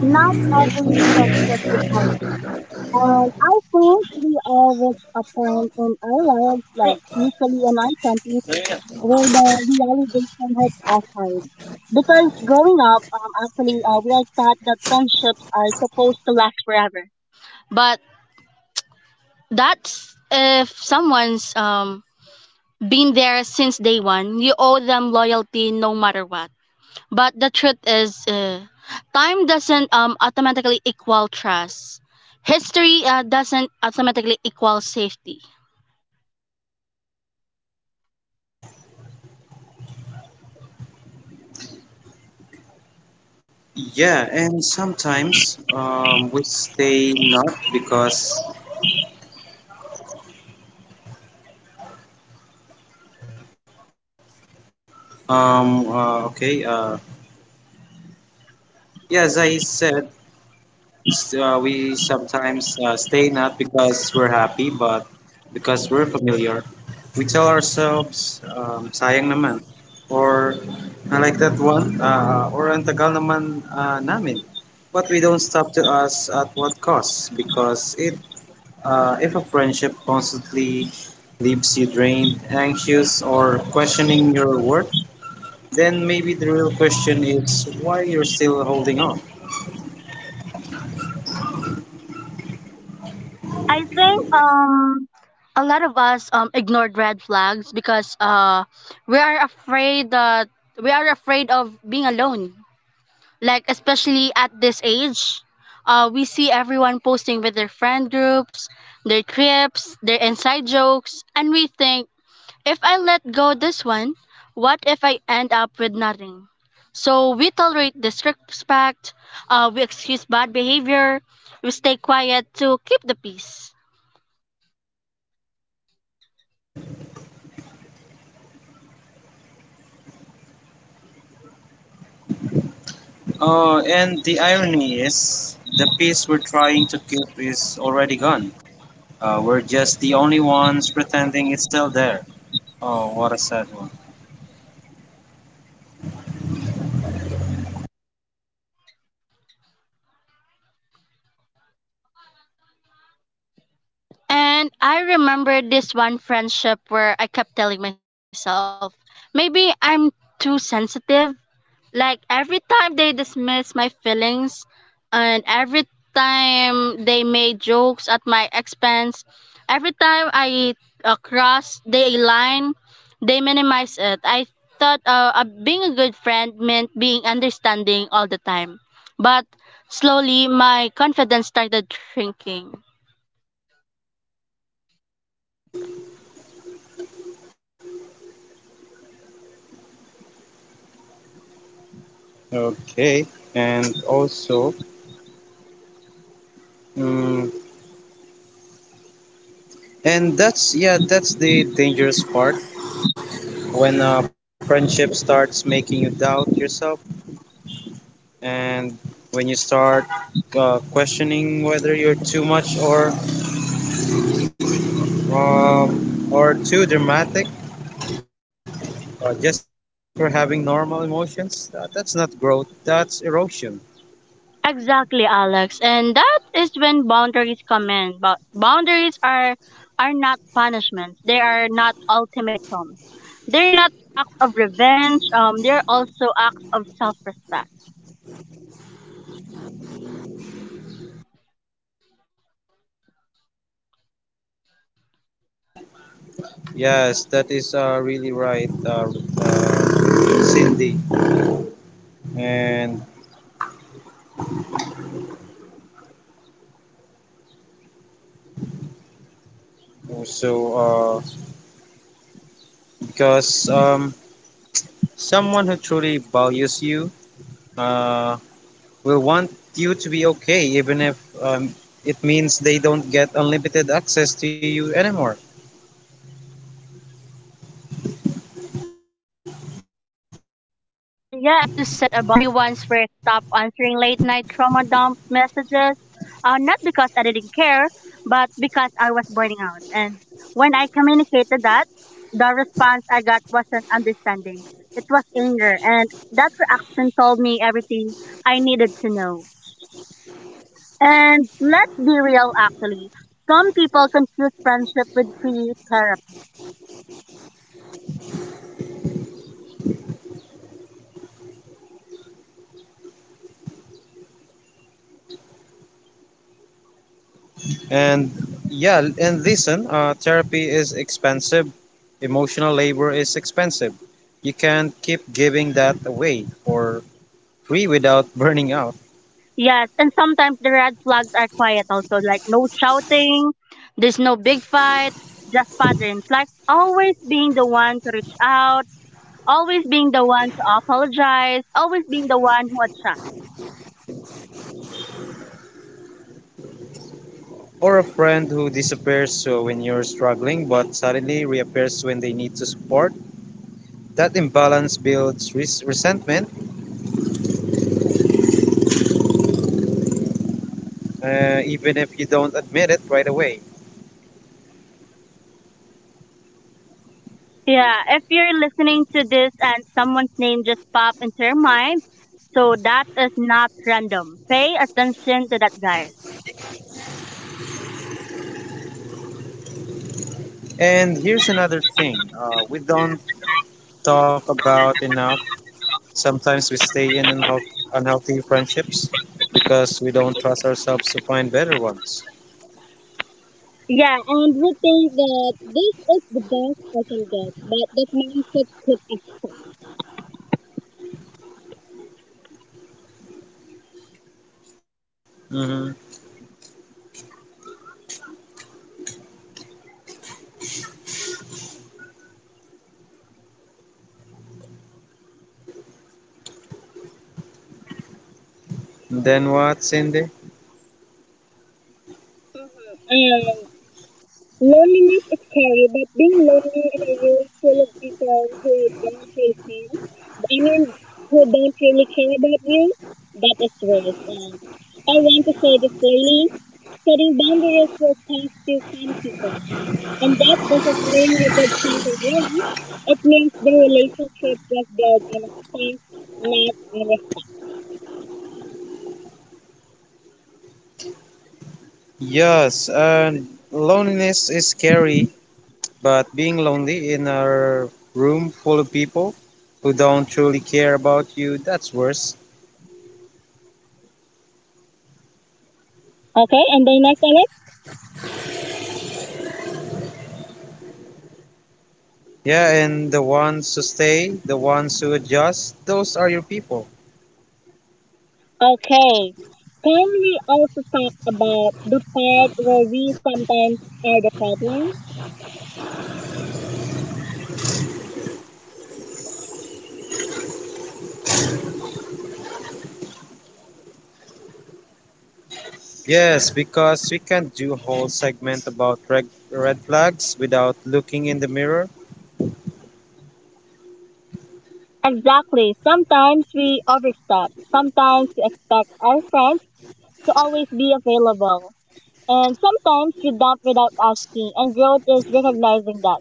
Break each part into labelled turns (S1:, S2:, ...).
S1: Not every friendship is healthy. And I think we all reach a point in our lives, like usually in our 20s, where the realization hits us hard. Because growing up, we are taught that friendships are supposed to last forever. But that's if someone's been there since day one. You owe them loyalty no matter what. But the truth is, time doesn't automatically equal trust. History doesn't automatically equal safety.
S2: Yeah, and sometimes we stay not because okay yeah as I said s- we sometimes stay not because we're happy but because we're familiar. We tell ourselves sayang naman or I like that one or ang tagal naman namin. But we don't stop to us at what cost because it if a friendship constantly leaves you drained, anxious, or questioning your worth, then maybe the real question is why you're still holding on.
S1: I think a lot of us ignored red flags because we are afraid that we are afraid of being alone. Like especially at this age, we see everyone posting with their friend groups, their trips, their inside jokes, and we think, if I let go this one, what if I end up with nothing? So we tolerate disrespect, we excuse bad behavior, we stay quiet to keep the peace.
S2: And the irony is, the peace we're trying to keep is already gone. We're just the only ones pretending it's still there. Oh, what a sad one.
S1: And I remember this one friendship where I kept telling myself, maybe I'm too sensitive. Like every time they dismiss my feelings, and every time they made jokes at my expense, every time I cross the line, they minimized it. I thought being a good friend meant being understanding all the time. But slowly my confidence started shrinking.
S2: Okay, and also, mm, and that's yeah, that's the dangerous part when a friendship starts making you doubt yourself and when you start questioning whether you're too much or too dramatic just for having normal emotions that's not growth, that's erosion.
S1: Exactly, Alex. And that is when boundaries come in. But boundaries are not punishments. They are not ultimatums. They're not acts of revenge. They're also acts of self-respect.
S2: Yes, that is really right, Cindy. And also, uh, because someone who truly values you, uh, we want you to be okay, even if um, it means they don't get unlimited access to you anymore.
S1: Yeah, I had to set a boundary once where I stopped answering late night trauma dump messages. Not because I didn't care, but because I was burning out. And when I communicated that, the response I got wasn't understanding. It was anger, and that reaction told me everything I needed to know. And let's be real, actually. Some people confuse friendship with free therapy.
S2: And yeah, and listen, therapy is expensive, emotional labor is expensive. You can't keep giving that away for free without burning out.
S1: Yes, and sometimes the red flags are quiet also, like no shouting, there's no big fight, just patterns, like always being the one to reach out, always being the one to apologize, always being the one who adjusts.
S2: Or a friend who disappears so when you're struggling but suddenly reappears when they need to support. That imbalance builds resentment, even if you don't admit it right away.
S1: Yeah, if you're listening to this and someone's name just pop into your mind, so that is not random. Pay attention to that, guys.
S2: And here's another thing we don't talk about enough. Sometimes we stay in unhealthy friendships because we don't trust ourselves to find better ones.
S1: Yeah, and we think that this is the best I can get, but that mindset could.
S2: Hmm. Then what, Cindy?
S1: Mhm. Loneliness is scary, but being lonely in a room full of people who don't really care, I mean, who don't really care about you, that is worse. I want to say this clearly. Setting boundaries will cost you some people. And that doesn't mean you did something wrong. It means the relationship was built on a space, not on a...
S2: Yes, and loneliness is scary, but being lonely in a room full of people who don't truly care about you, that's worse.
S1: Okay, and the next one.
S2: Yeah, and the ones who stay, the ones who adjust, those are your people.
S1: Okay. Can we also talk about the part where we sometimes are the problem?
S2: Yes, because we can't do whole segment about red flags without looking in the mirror.
S1: Exactly. Sometimes we overstep. Sometimes we expect our friends to always be available. And sometimes we dump without asking, and growth is recognizing that.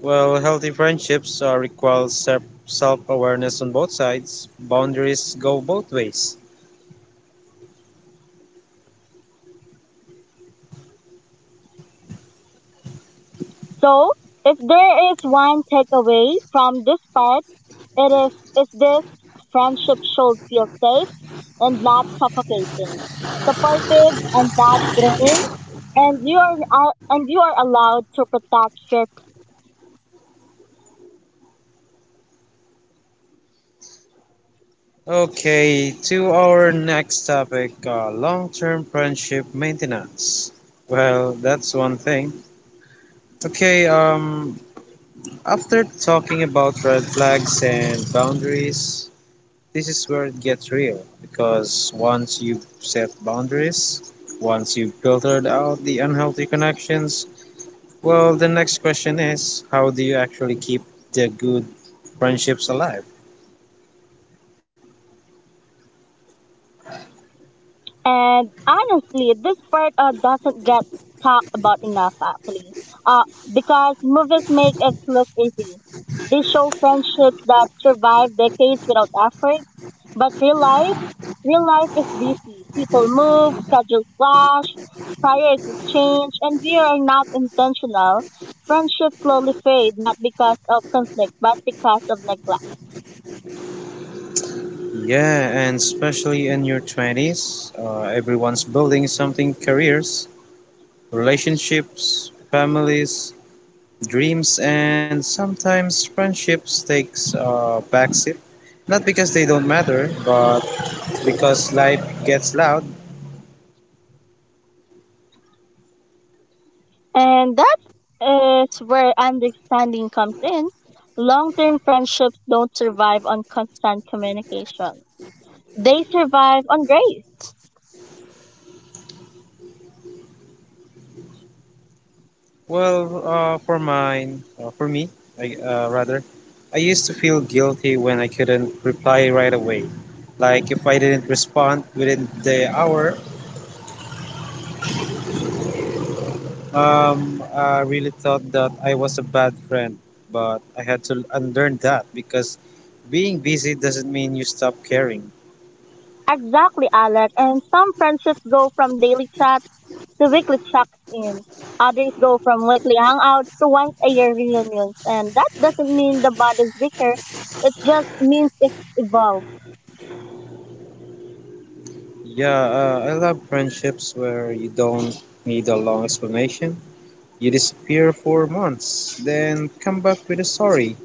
S2: Well, healthy friendships are require self awareness on both sides. Boundaries go both ways.
S1: So, if there is one takeaway from this part, it is this: friendship should feel safe and not suffocating, supportive and not draining, and you are allowed to protect your...
S2: Okay, to our next topic, long term friendship maintenance. Well, that's one thing. Okay, after talking about red flags and boundaries, this is where it gets real because once you've set boundaries, once you've filtered out the unhealthy connections, well, the next question is how do you actually keep the good friendships alive?
S1: And honestly, this part doesn't get talked about enough, actually, because movies make it look easy. They show friendships that survive decades without effort, but real life is busy. People move, schedules clash, priorities change, and we are not intentional. Friendships slowly fade, not because of conflict, but because of neglect.
S2: Yeah, and especially in your 20s, everyone's building something, careers, relationships, families, dreams, and sometimes friendships takes a backseat. Not because they don't matter, but because life gets loud.
S1: And that is where understanding comes in. Long term friendships don't survive on constant communication, they survive on grace.
S2: For me, I, uh, rather, I used to feel guilty when I couldn't reply right away. Like if I didn't respond within the hour, I really thought that I was a bad friend. But I had to unlearn that because being busy doesn't mean you stop caring.
S1: Exactly, Alec. And some friendships go from daily chats to weekly checks in. Others go from weekly hangouts to once a year reunions. And that doesn't mean the bond is weaker, it just means it's evolved.
S2: Yeah, I love friendships where you don't need a long explanation. You disappear for months, then come back with a story.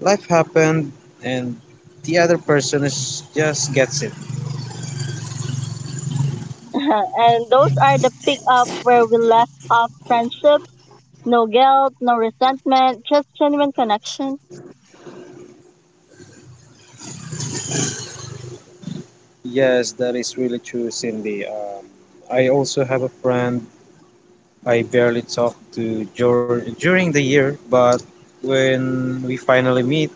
S2: Life happened and the other person is just gets it.
S1: And those are the pick up where we left off friendship. No guilt, no resentment, just genuine connection.
S2: Yes, that is really true, Cindy. I also have a friend I barely talk to during the year, but when we finally meet,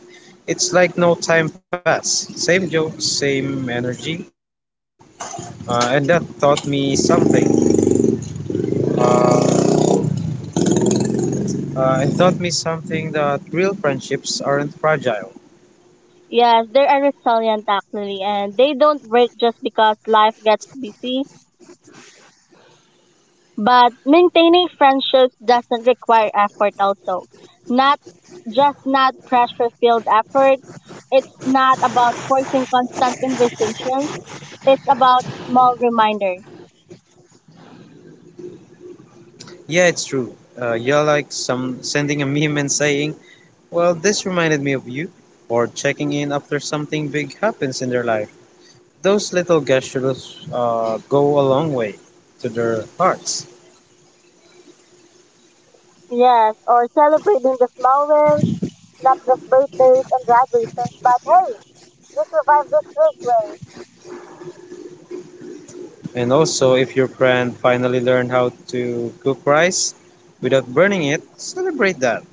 S2: it's like no time passed. Same jokes, same energy, and that taught me something. Uh, and taught me something that real friendships aren't fragile.
S1: Yes, they are resilient actually, and they don't break just because life gets busy. But maintaining friendships doesn't require effort also. Not Not pressure filled effort. It's not about forcing constant conversations. It's about small reminders.
S2: Yeah, it's true. Yeah, like some sending a meme and saying, well, this reminded me of you, or checking in after something big happens in their life. Those little gestures go a long way to their hearts.
S1: Yes, or celebrating the small wins, not just birthdays and graduations, but hey, you survived this week.
S2: And also, if your friend finally learned how to cook rice without burning it, celebrate that.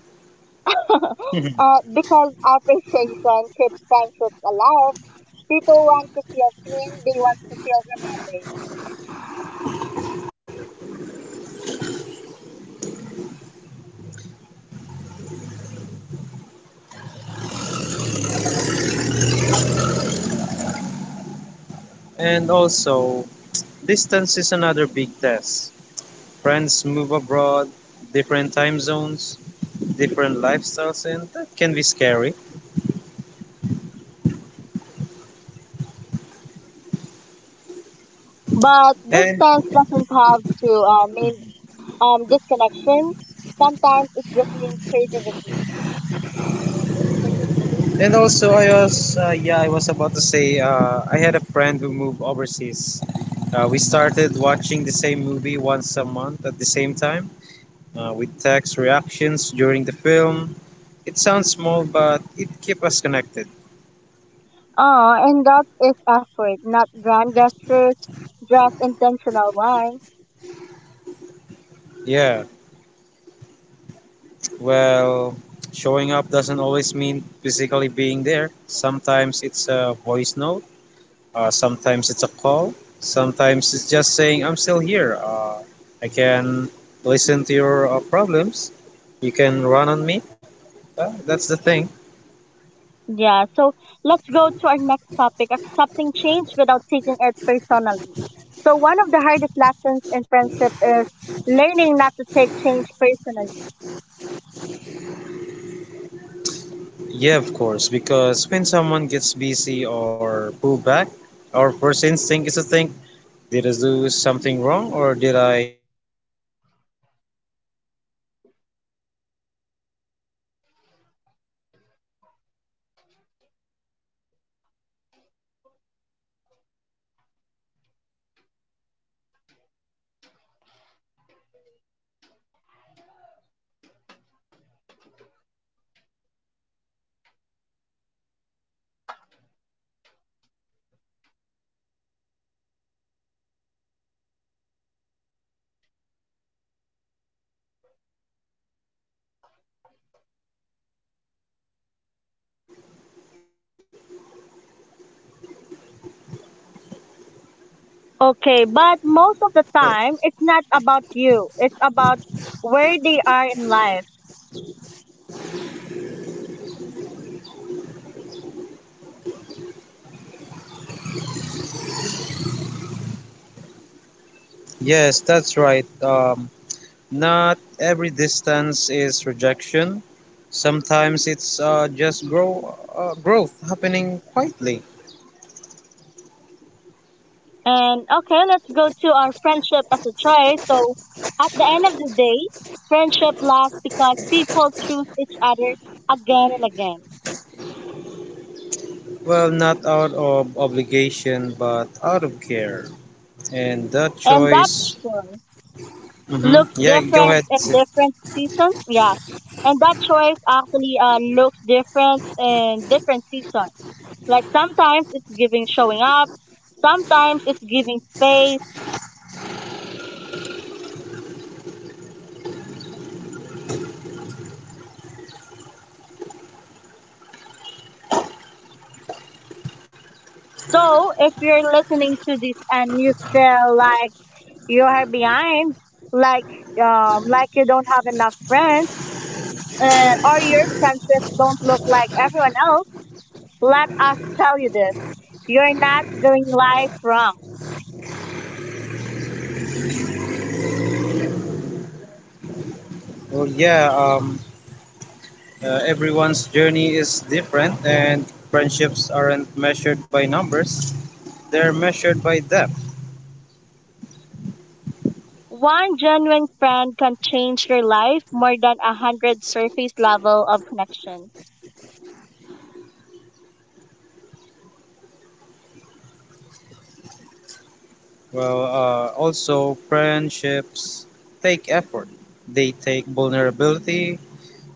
S1: Because appreciation keeps friendships alive. People want to feel seen, they want to feel remembered.
S2: And also, distance is another big test. Friends move abroad, different time zones, different lifestyles, and that can be scary.
S1: But
S2: And
S1: distance doesn't have to mean disconnection. Sometimes it just means creativity.
S2: And also, I was yeah, I was about to say, I had a friend who moved overseas. We started watching the same movie once a month at the same time with text reactions during the film. It sounds small, but it keeps us connected.
S1: And that is effort, not grand gestures, just intentional ones.
S2: Yeah, well, showing up doesn't always mean physically being there. Sometimes it's a voice note, sometimes it's a call, sometimes it's just saying, I'm still here. I can listen to your problems. You can run on me. That's the thing.
S1: Yeah, so let's go to our next topic: accepting change without taking it personally. So, one of the hardest lessons in friendship is learning not to take change personally.
S2: Yeah, of course, because when someone gets busy or pull back, our first instinct is to think, did I do something wrong or did I say something bad to him or her?
S1: Okay, but most of the time, it's not about you, it's about where they are in life.
S2: Yes, that's right. Not every distance is rejection. Sometimes it's just growth happening quietly.
S1: And okay, let's go to our friendship as a choice. So, at the end of the day, friendship lasts because people choose each other again and again.
S2: Well, not out of obligation, but out of care. And that
S1: And that's
S2: choice.
S1: true.
S2: Hmm.
S1: Looks
S2: Yeah, go
S1: different
S2: ahead,
S1: in
S2: Sid.
S1: different season. Yeah, and that choice actually looks different in different seasons. Like sometimes it's giving showing up, sometimes it's giving space. So if you're listening to this and you feel like you are behind, like like you don't have enough friends, or your friendships don't look like everyone else, let us tell you this: you're not doing life wrong.
S2: Well, yeah. Everyone's journey is different, and friendships aren't measured by numbers. They're measured by depth.
S1: One genuine friend can change your life more than a hundred surface level of connections.
S2: Well, also, friendships take effort. They take vulnerability,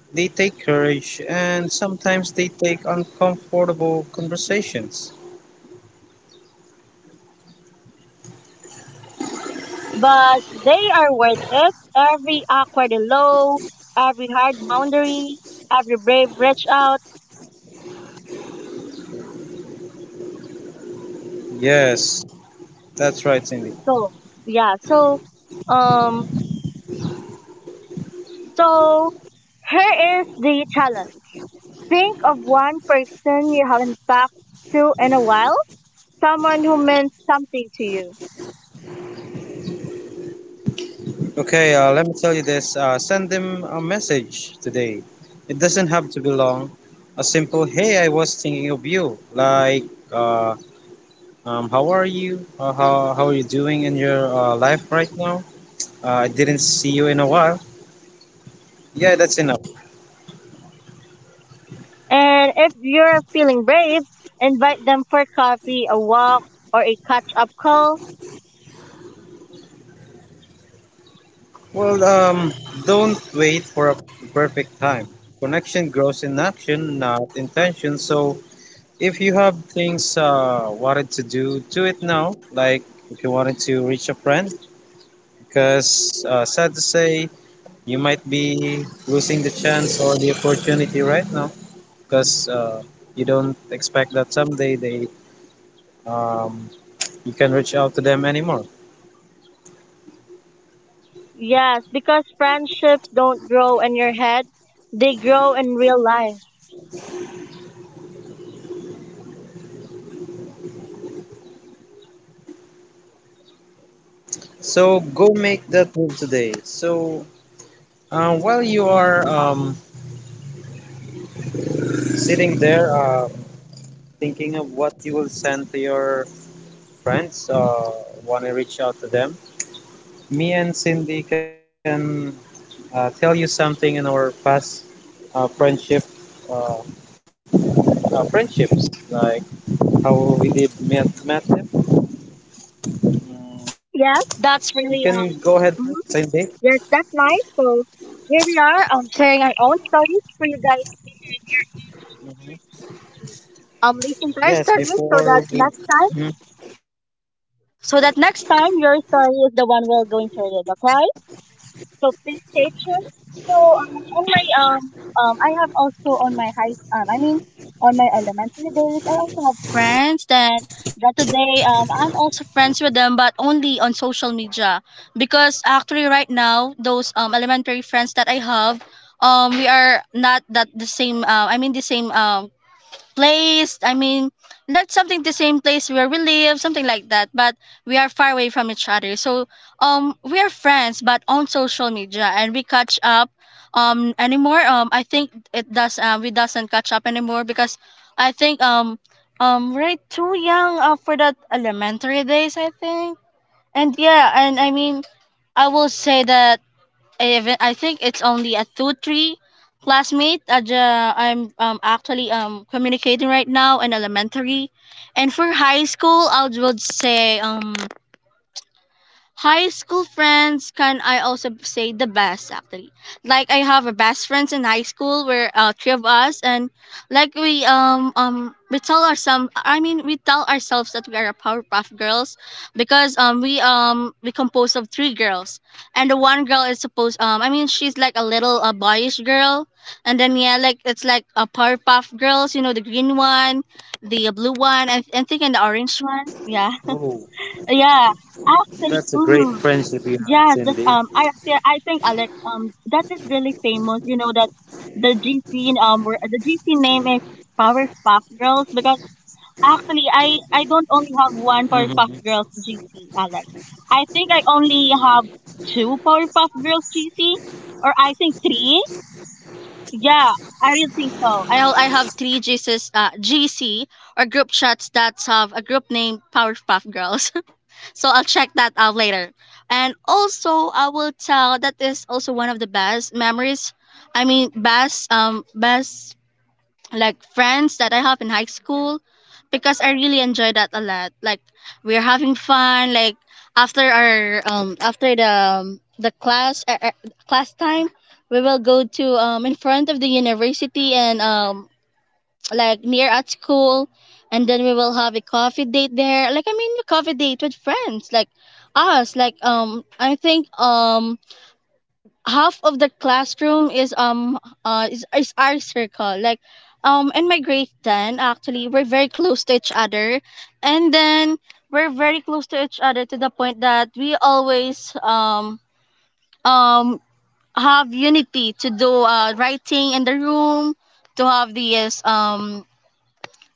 S2: they take courage, and sometimes they take uncomfortable conversations.
S1: But they are worth it. Every awkward hello, every hard boundary, every brave reach out.
S2: Yes, that's right, Cindy.
S1: So yeah, so um so here is the challenge. Think of one person you haven't talked to in a while, someone who meant something to you.
S2: Okay, let me tell you this, send them a message today. It doesn't have to be long. A simple, hey, I was thinking of you. Uh, how are you? How are you doing in your life right now? I didn't see you in a while. Yeah, that's enough.
S1: And if you're feeling brave, invite them for coffee, a walk, or a catch up call.
S2: Well, don't wait for a perfect time. Connection grows in action, not intention. So if you have things wanted to do, do it now. Like if you wanted to reach a friend, because sad to say, you might be losing the chance or the opportunity right now, because you don't expect that someday they um, you can reach out to them anymore.
S1: Yes, because friendships don't grow in your head, they grow in real life.
S2: So go make that move today. So while you are sitting there thinking of what you will send to your friends when I reach out to them. Me and Cindy can tell you something in our past uh, friendship, uh, friendships, like how we met them. Mm, you
S1: Yeah,
S2: can go
S1: that's
S2: ahead,
S1: really,
S2: Cindy.
S1: mhm. Yes, that's nice. So here we are, sharing our own stories for you guys
S2: Hmm.
S1: to
S2: Yes,
S1: listen to our
S2: before
S1: stories,
S2: we.
S1: so that
S2: Mhm.
S1: next time your story is the one we're going to read, okay? So please stay tuned. So on my I have also on my high I mean on my elementary days I also have friends that today I'm also friends with them, but only on social media, because actually right now those elementary friends that I have, we are not that the same, I mean the same place. I mean, not something the same place where we live, something like that. But we are far away from each other. So we are friends, but on social media, and we catch up anymore. I think it does. We doesn't catch up anymore because I think we're too young for that elementary days, I think. And yeah, and I mean, I will say that, even, I think it's only a 2 3 classmate that I'm actually communicating right now in elementary, and for high school I would say, high school friends, can I also say, the best actually. Like I have a best friends in high school where three of us, and like we tell ourselves that we are a Powerpuff Girls, because we compose of three girls, and the one girl is supposed, I mean she's like a little boyish girl, and then yeah, like it's like a Powerpuff Girls, you know, the green one, the blue one, I think, and the
S2: Oh,
S1: orange one, yeah.
S2: that's a great
S1: Yeah,
S2: friendship you have,
S1: actually.
S2: Cindy.
S1: Mm. Yes, that's I think, Alex, that is really famous. You know that the GC um were- the GC name is Powerpuff Girls because actually I don't
S2: Hmm.
S1: only have one Powerpuff Girls GC, Alex. I think I only have two Powerpuff Girls GC, or I think three. Yeah, I really think so. I have three GCs uh GC or group chats, that have a group named Powerpuff Girls. So I'll check that out later. And also, I will tell that is also one of the best memories. I mean, best like friends that I have in high school, because I really enjoy that a lot. Like we're having fun. Like after our after the class class time, we will go to in front of the university and like near at school, and then we will have a coffee date there. I mean, a coffee date with friends, like us. I think half of the classroom is our circle. In my grade 10, actually, we're very close to each other. And then we're very close to each other to the point that we always um have unity to do writing in the room, to have this um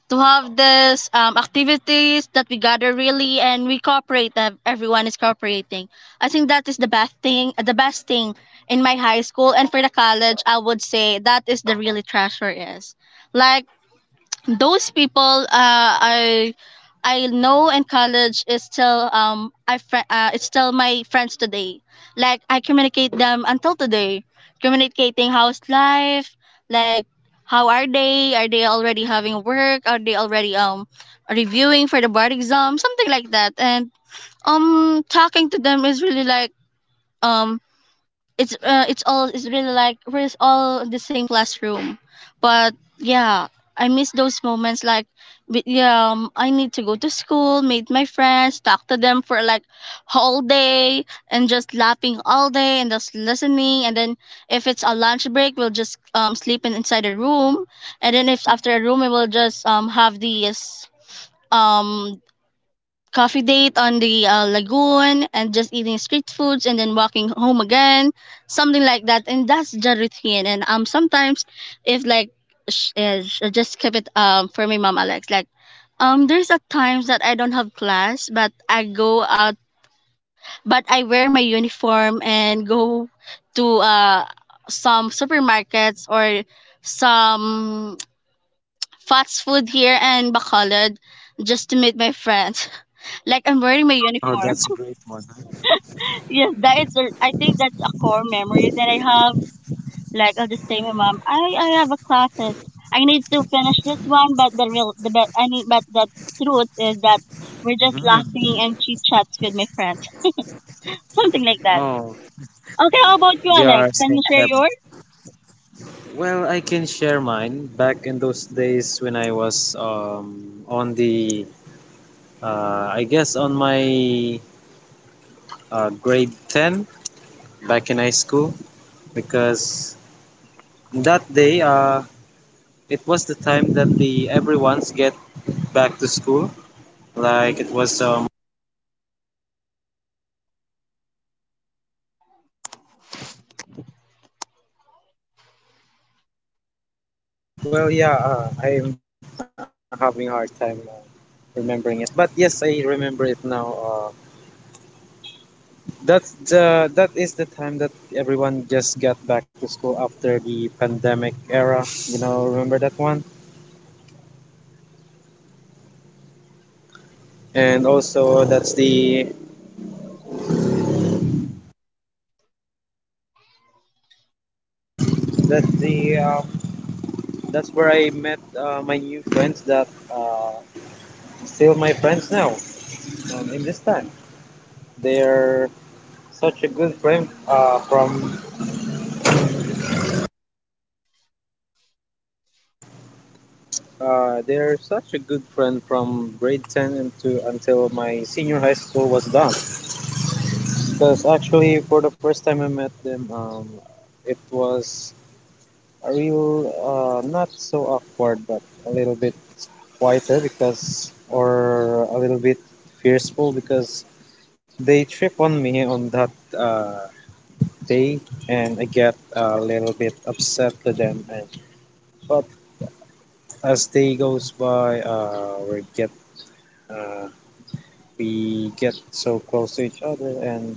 S1: to have this activities that we gather really and we cooperate, everyone is cooperating. I think that is the best thing, the best thing in my high school. And for the college, I would say that is the really treasure, is like those people. Uh, I I know in college is still, it's still my friends today. Like I communicate them until today, communicating how's life, like how are they? Are they already having work? Are they already reviewing for the board exam? Something like that. And talking to them is really like, um it's really like we're all in the same classroom, but yeah, I miss those moments. Like, but yeah, I need to go to school, meet my friends, talk to them for like whole day and just laughing all day and just listening. And then if it's a lunch break, we'll just sleep inside a room. And then if after a room, we will just have these um coffee date on the lagoon, and just eating street foods and then walking home again, something like that. And that's the routine. And sometimes, if like, I just keep it for my mom, Alex. Like there's a times that I don't have class, but I go out, but I wear my uniform and go to some supermarkets or some fast food here in Bacolod just to meet my friends. Like, I'm
S2: Oh,
S1: wearing my
S2: that's a great
S1: uniform.
S2: one, huh?
S1: Yes, that is. I think that's a core memory that I have. Like, I'll just say, my mom, I have a classes. I need to finish this one, but the real, the but I mean, but the truth is that we're
S2: Mhm.
S1: just laughing and chit chats with my friends, something like
S2: Oh,
S1: that. Okay, how
S2: they
S1: about you,
S2: are
S1: Alex?
S2: so
S1: Can you
S2: clever.
S1: share yours?
S2: Well, I can share mine. Back in those days when I was on the, on my grade 10 back in high school, because that day it was the time that the everyone's get back to school. Like it was, I'm having a hard time remembering it. But yes, I remember it now. That's the that is the time that everyone just got back to school after the pandemic era. You know, remember that one? And also that's the um, that's where I met my new friends that uh, still my friends now. In this time, they're such a good friend from they're such a good friend from grade 10 into until my senior high school was done. Because actually, for the first time I met them, it was a real, not so awkward, but a little bit quieter because, or a little bit fearful because they trip on me on that uh, day, and I get a little bit upset to them. And but as day goes by, uh, we get so close to each other, and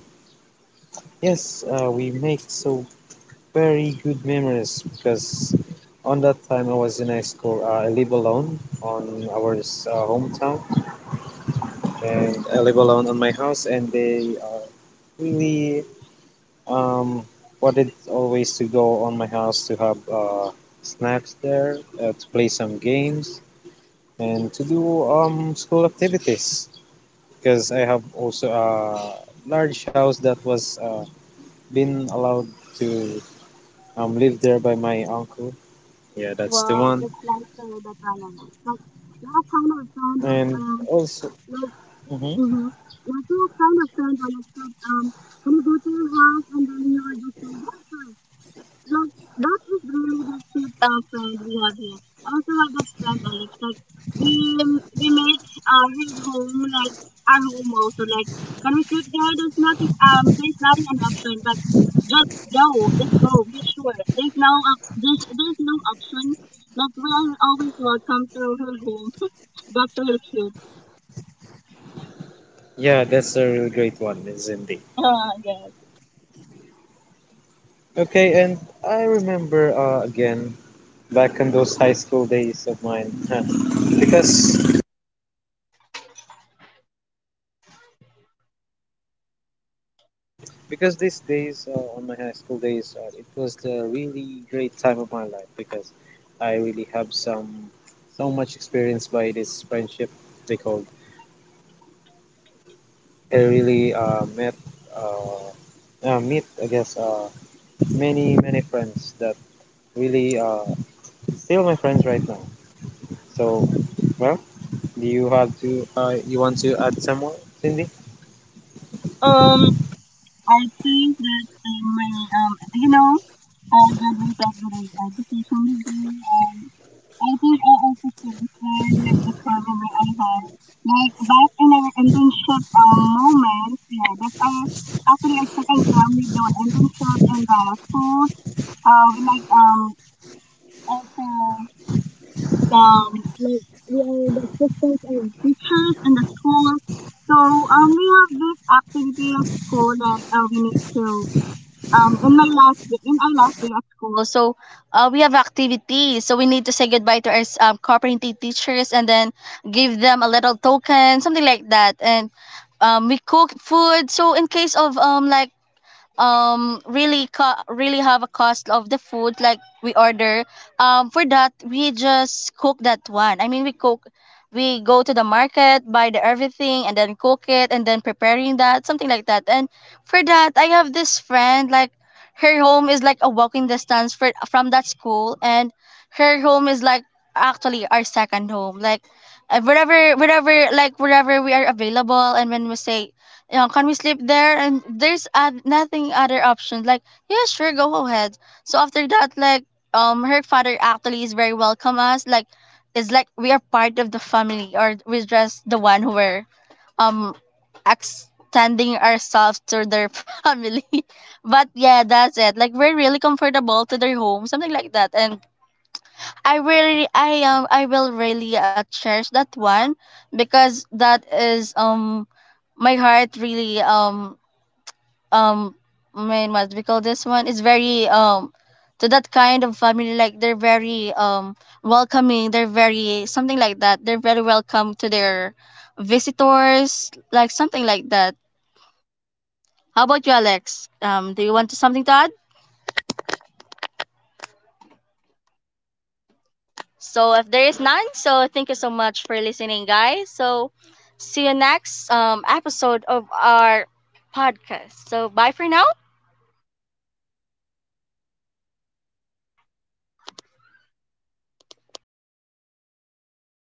S2: yes, we make so very good memories because on that time I was in high school. I live alone on our hometown, and I live alone on my house. And they really um, wanted always to go on my house to have snacks there, to play some games, and to do school activities. Because I have also a large house that was been allowed to live there by my uncle. Yeah, that's the
S1: Wow,
S2: one.
S1: that's nice to know that one, Alex. But you're a kind of friend that
S2: And also,
S1: like,
S2: hmm,
S1: mm-hmm. You're a kind of friend, Alex, that can you go to your house and then you're just like, yes, sir. That that was really the cute friend we have here. I also have that friend Alex. Like we we make his home like our home also. Like when we click there, there's nothing. There's nothing an option, but just go, just go. Be sure. There's no option. But we are always welcome to her home. That's really cute.
S2: yeah, that's a really great one, is indeed.
S1: Yes.
S2: Okay, and I remember, again, back in those high school days of mine because because these days on my high school days it was the really great time of my life because I really have some so much experience by this friendship they called. I really met uh, meet I guess many many friends that really still my friends right now. So, well, do you have to, you want to add some more, Cindy?
S1: Um, I think that you know, I graduated with an education degree. And I think I also feel the current, like the problem where I had like back in our internship moment, yeah, that I actually I second term we do internship and the school. We like also um like we are the assistants of teachers in the school. So we have this activity at school that we need to in my last day, in our last day at school. So we have activities, so we need to say goodbye to our cooperating teachers, and then give them a little token, something like that. And we cook food, so in case of really really have a cost of the food, like we order for that, we just cook that one. I mean, we cook, we go to the market, buy the everything and then cook it and then preparing that, something like that. And for that, I have this friend, like, her home is like a walking distance from that school. And her home is like actually our second home. Like wherever, like wherever we are available, and when we say, you know, can we sleep there? And there's nothing other option. Like, yeah, sure, go ahead. So after that, like, her father actually is very welcome us. Like, it's like we are part of the family, or we're just the one who were um extending ourselves to their family. But yeah, that's it. Like, we're really comfortable to their home, something like that. And I will really cherish that one, because that is my heart really um main, what we call this one is very to that kind of family. Like, they're very welcoming, they're very something like that, they're very welcome to their visitors, like something like that. How about you, Alex? Do you want to something to add? So if there is none, so thank you so much for listening, guys. So see you next episode of our podcast. So bye for now.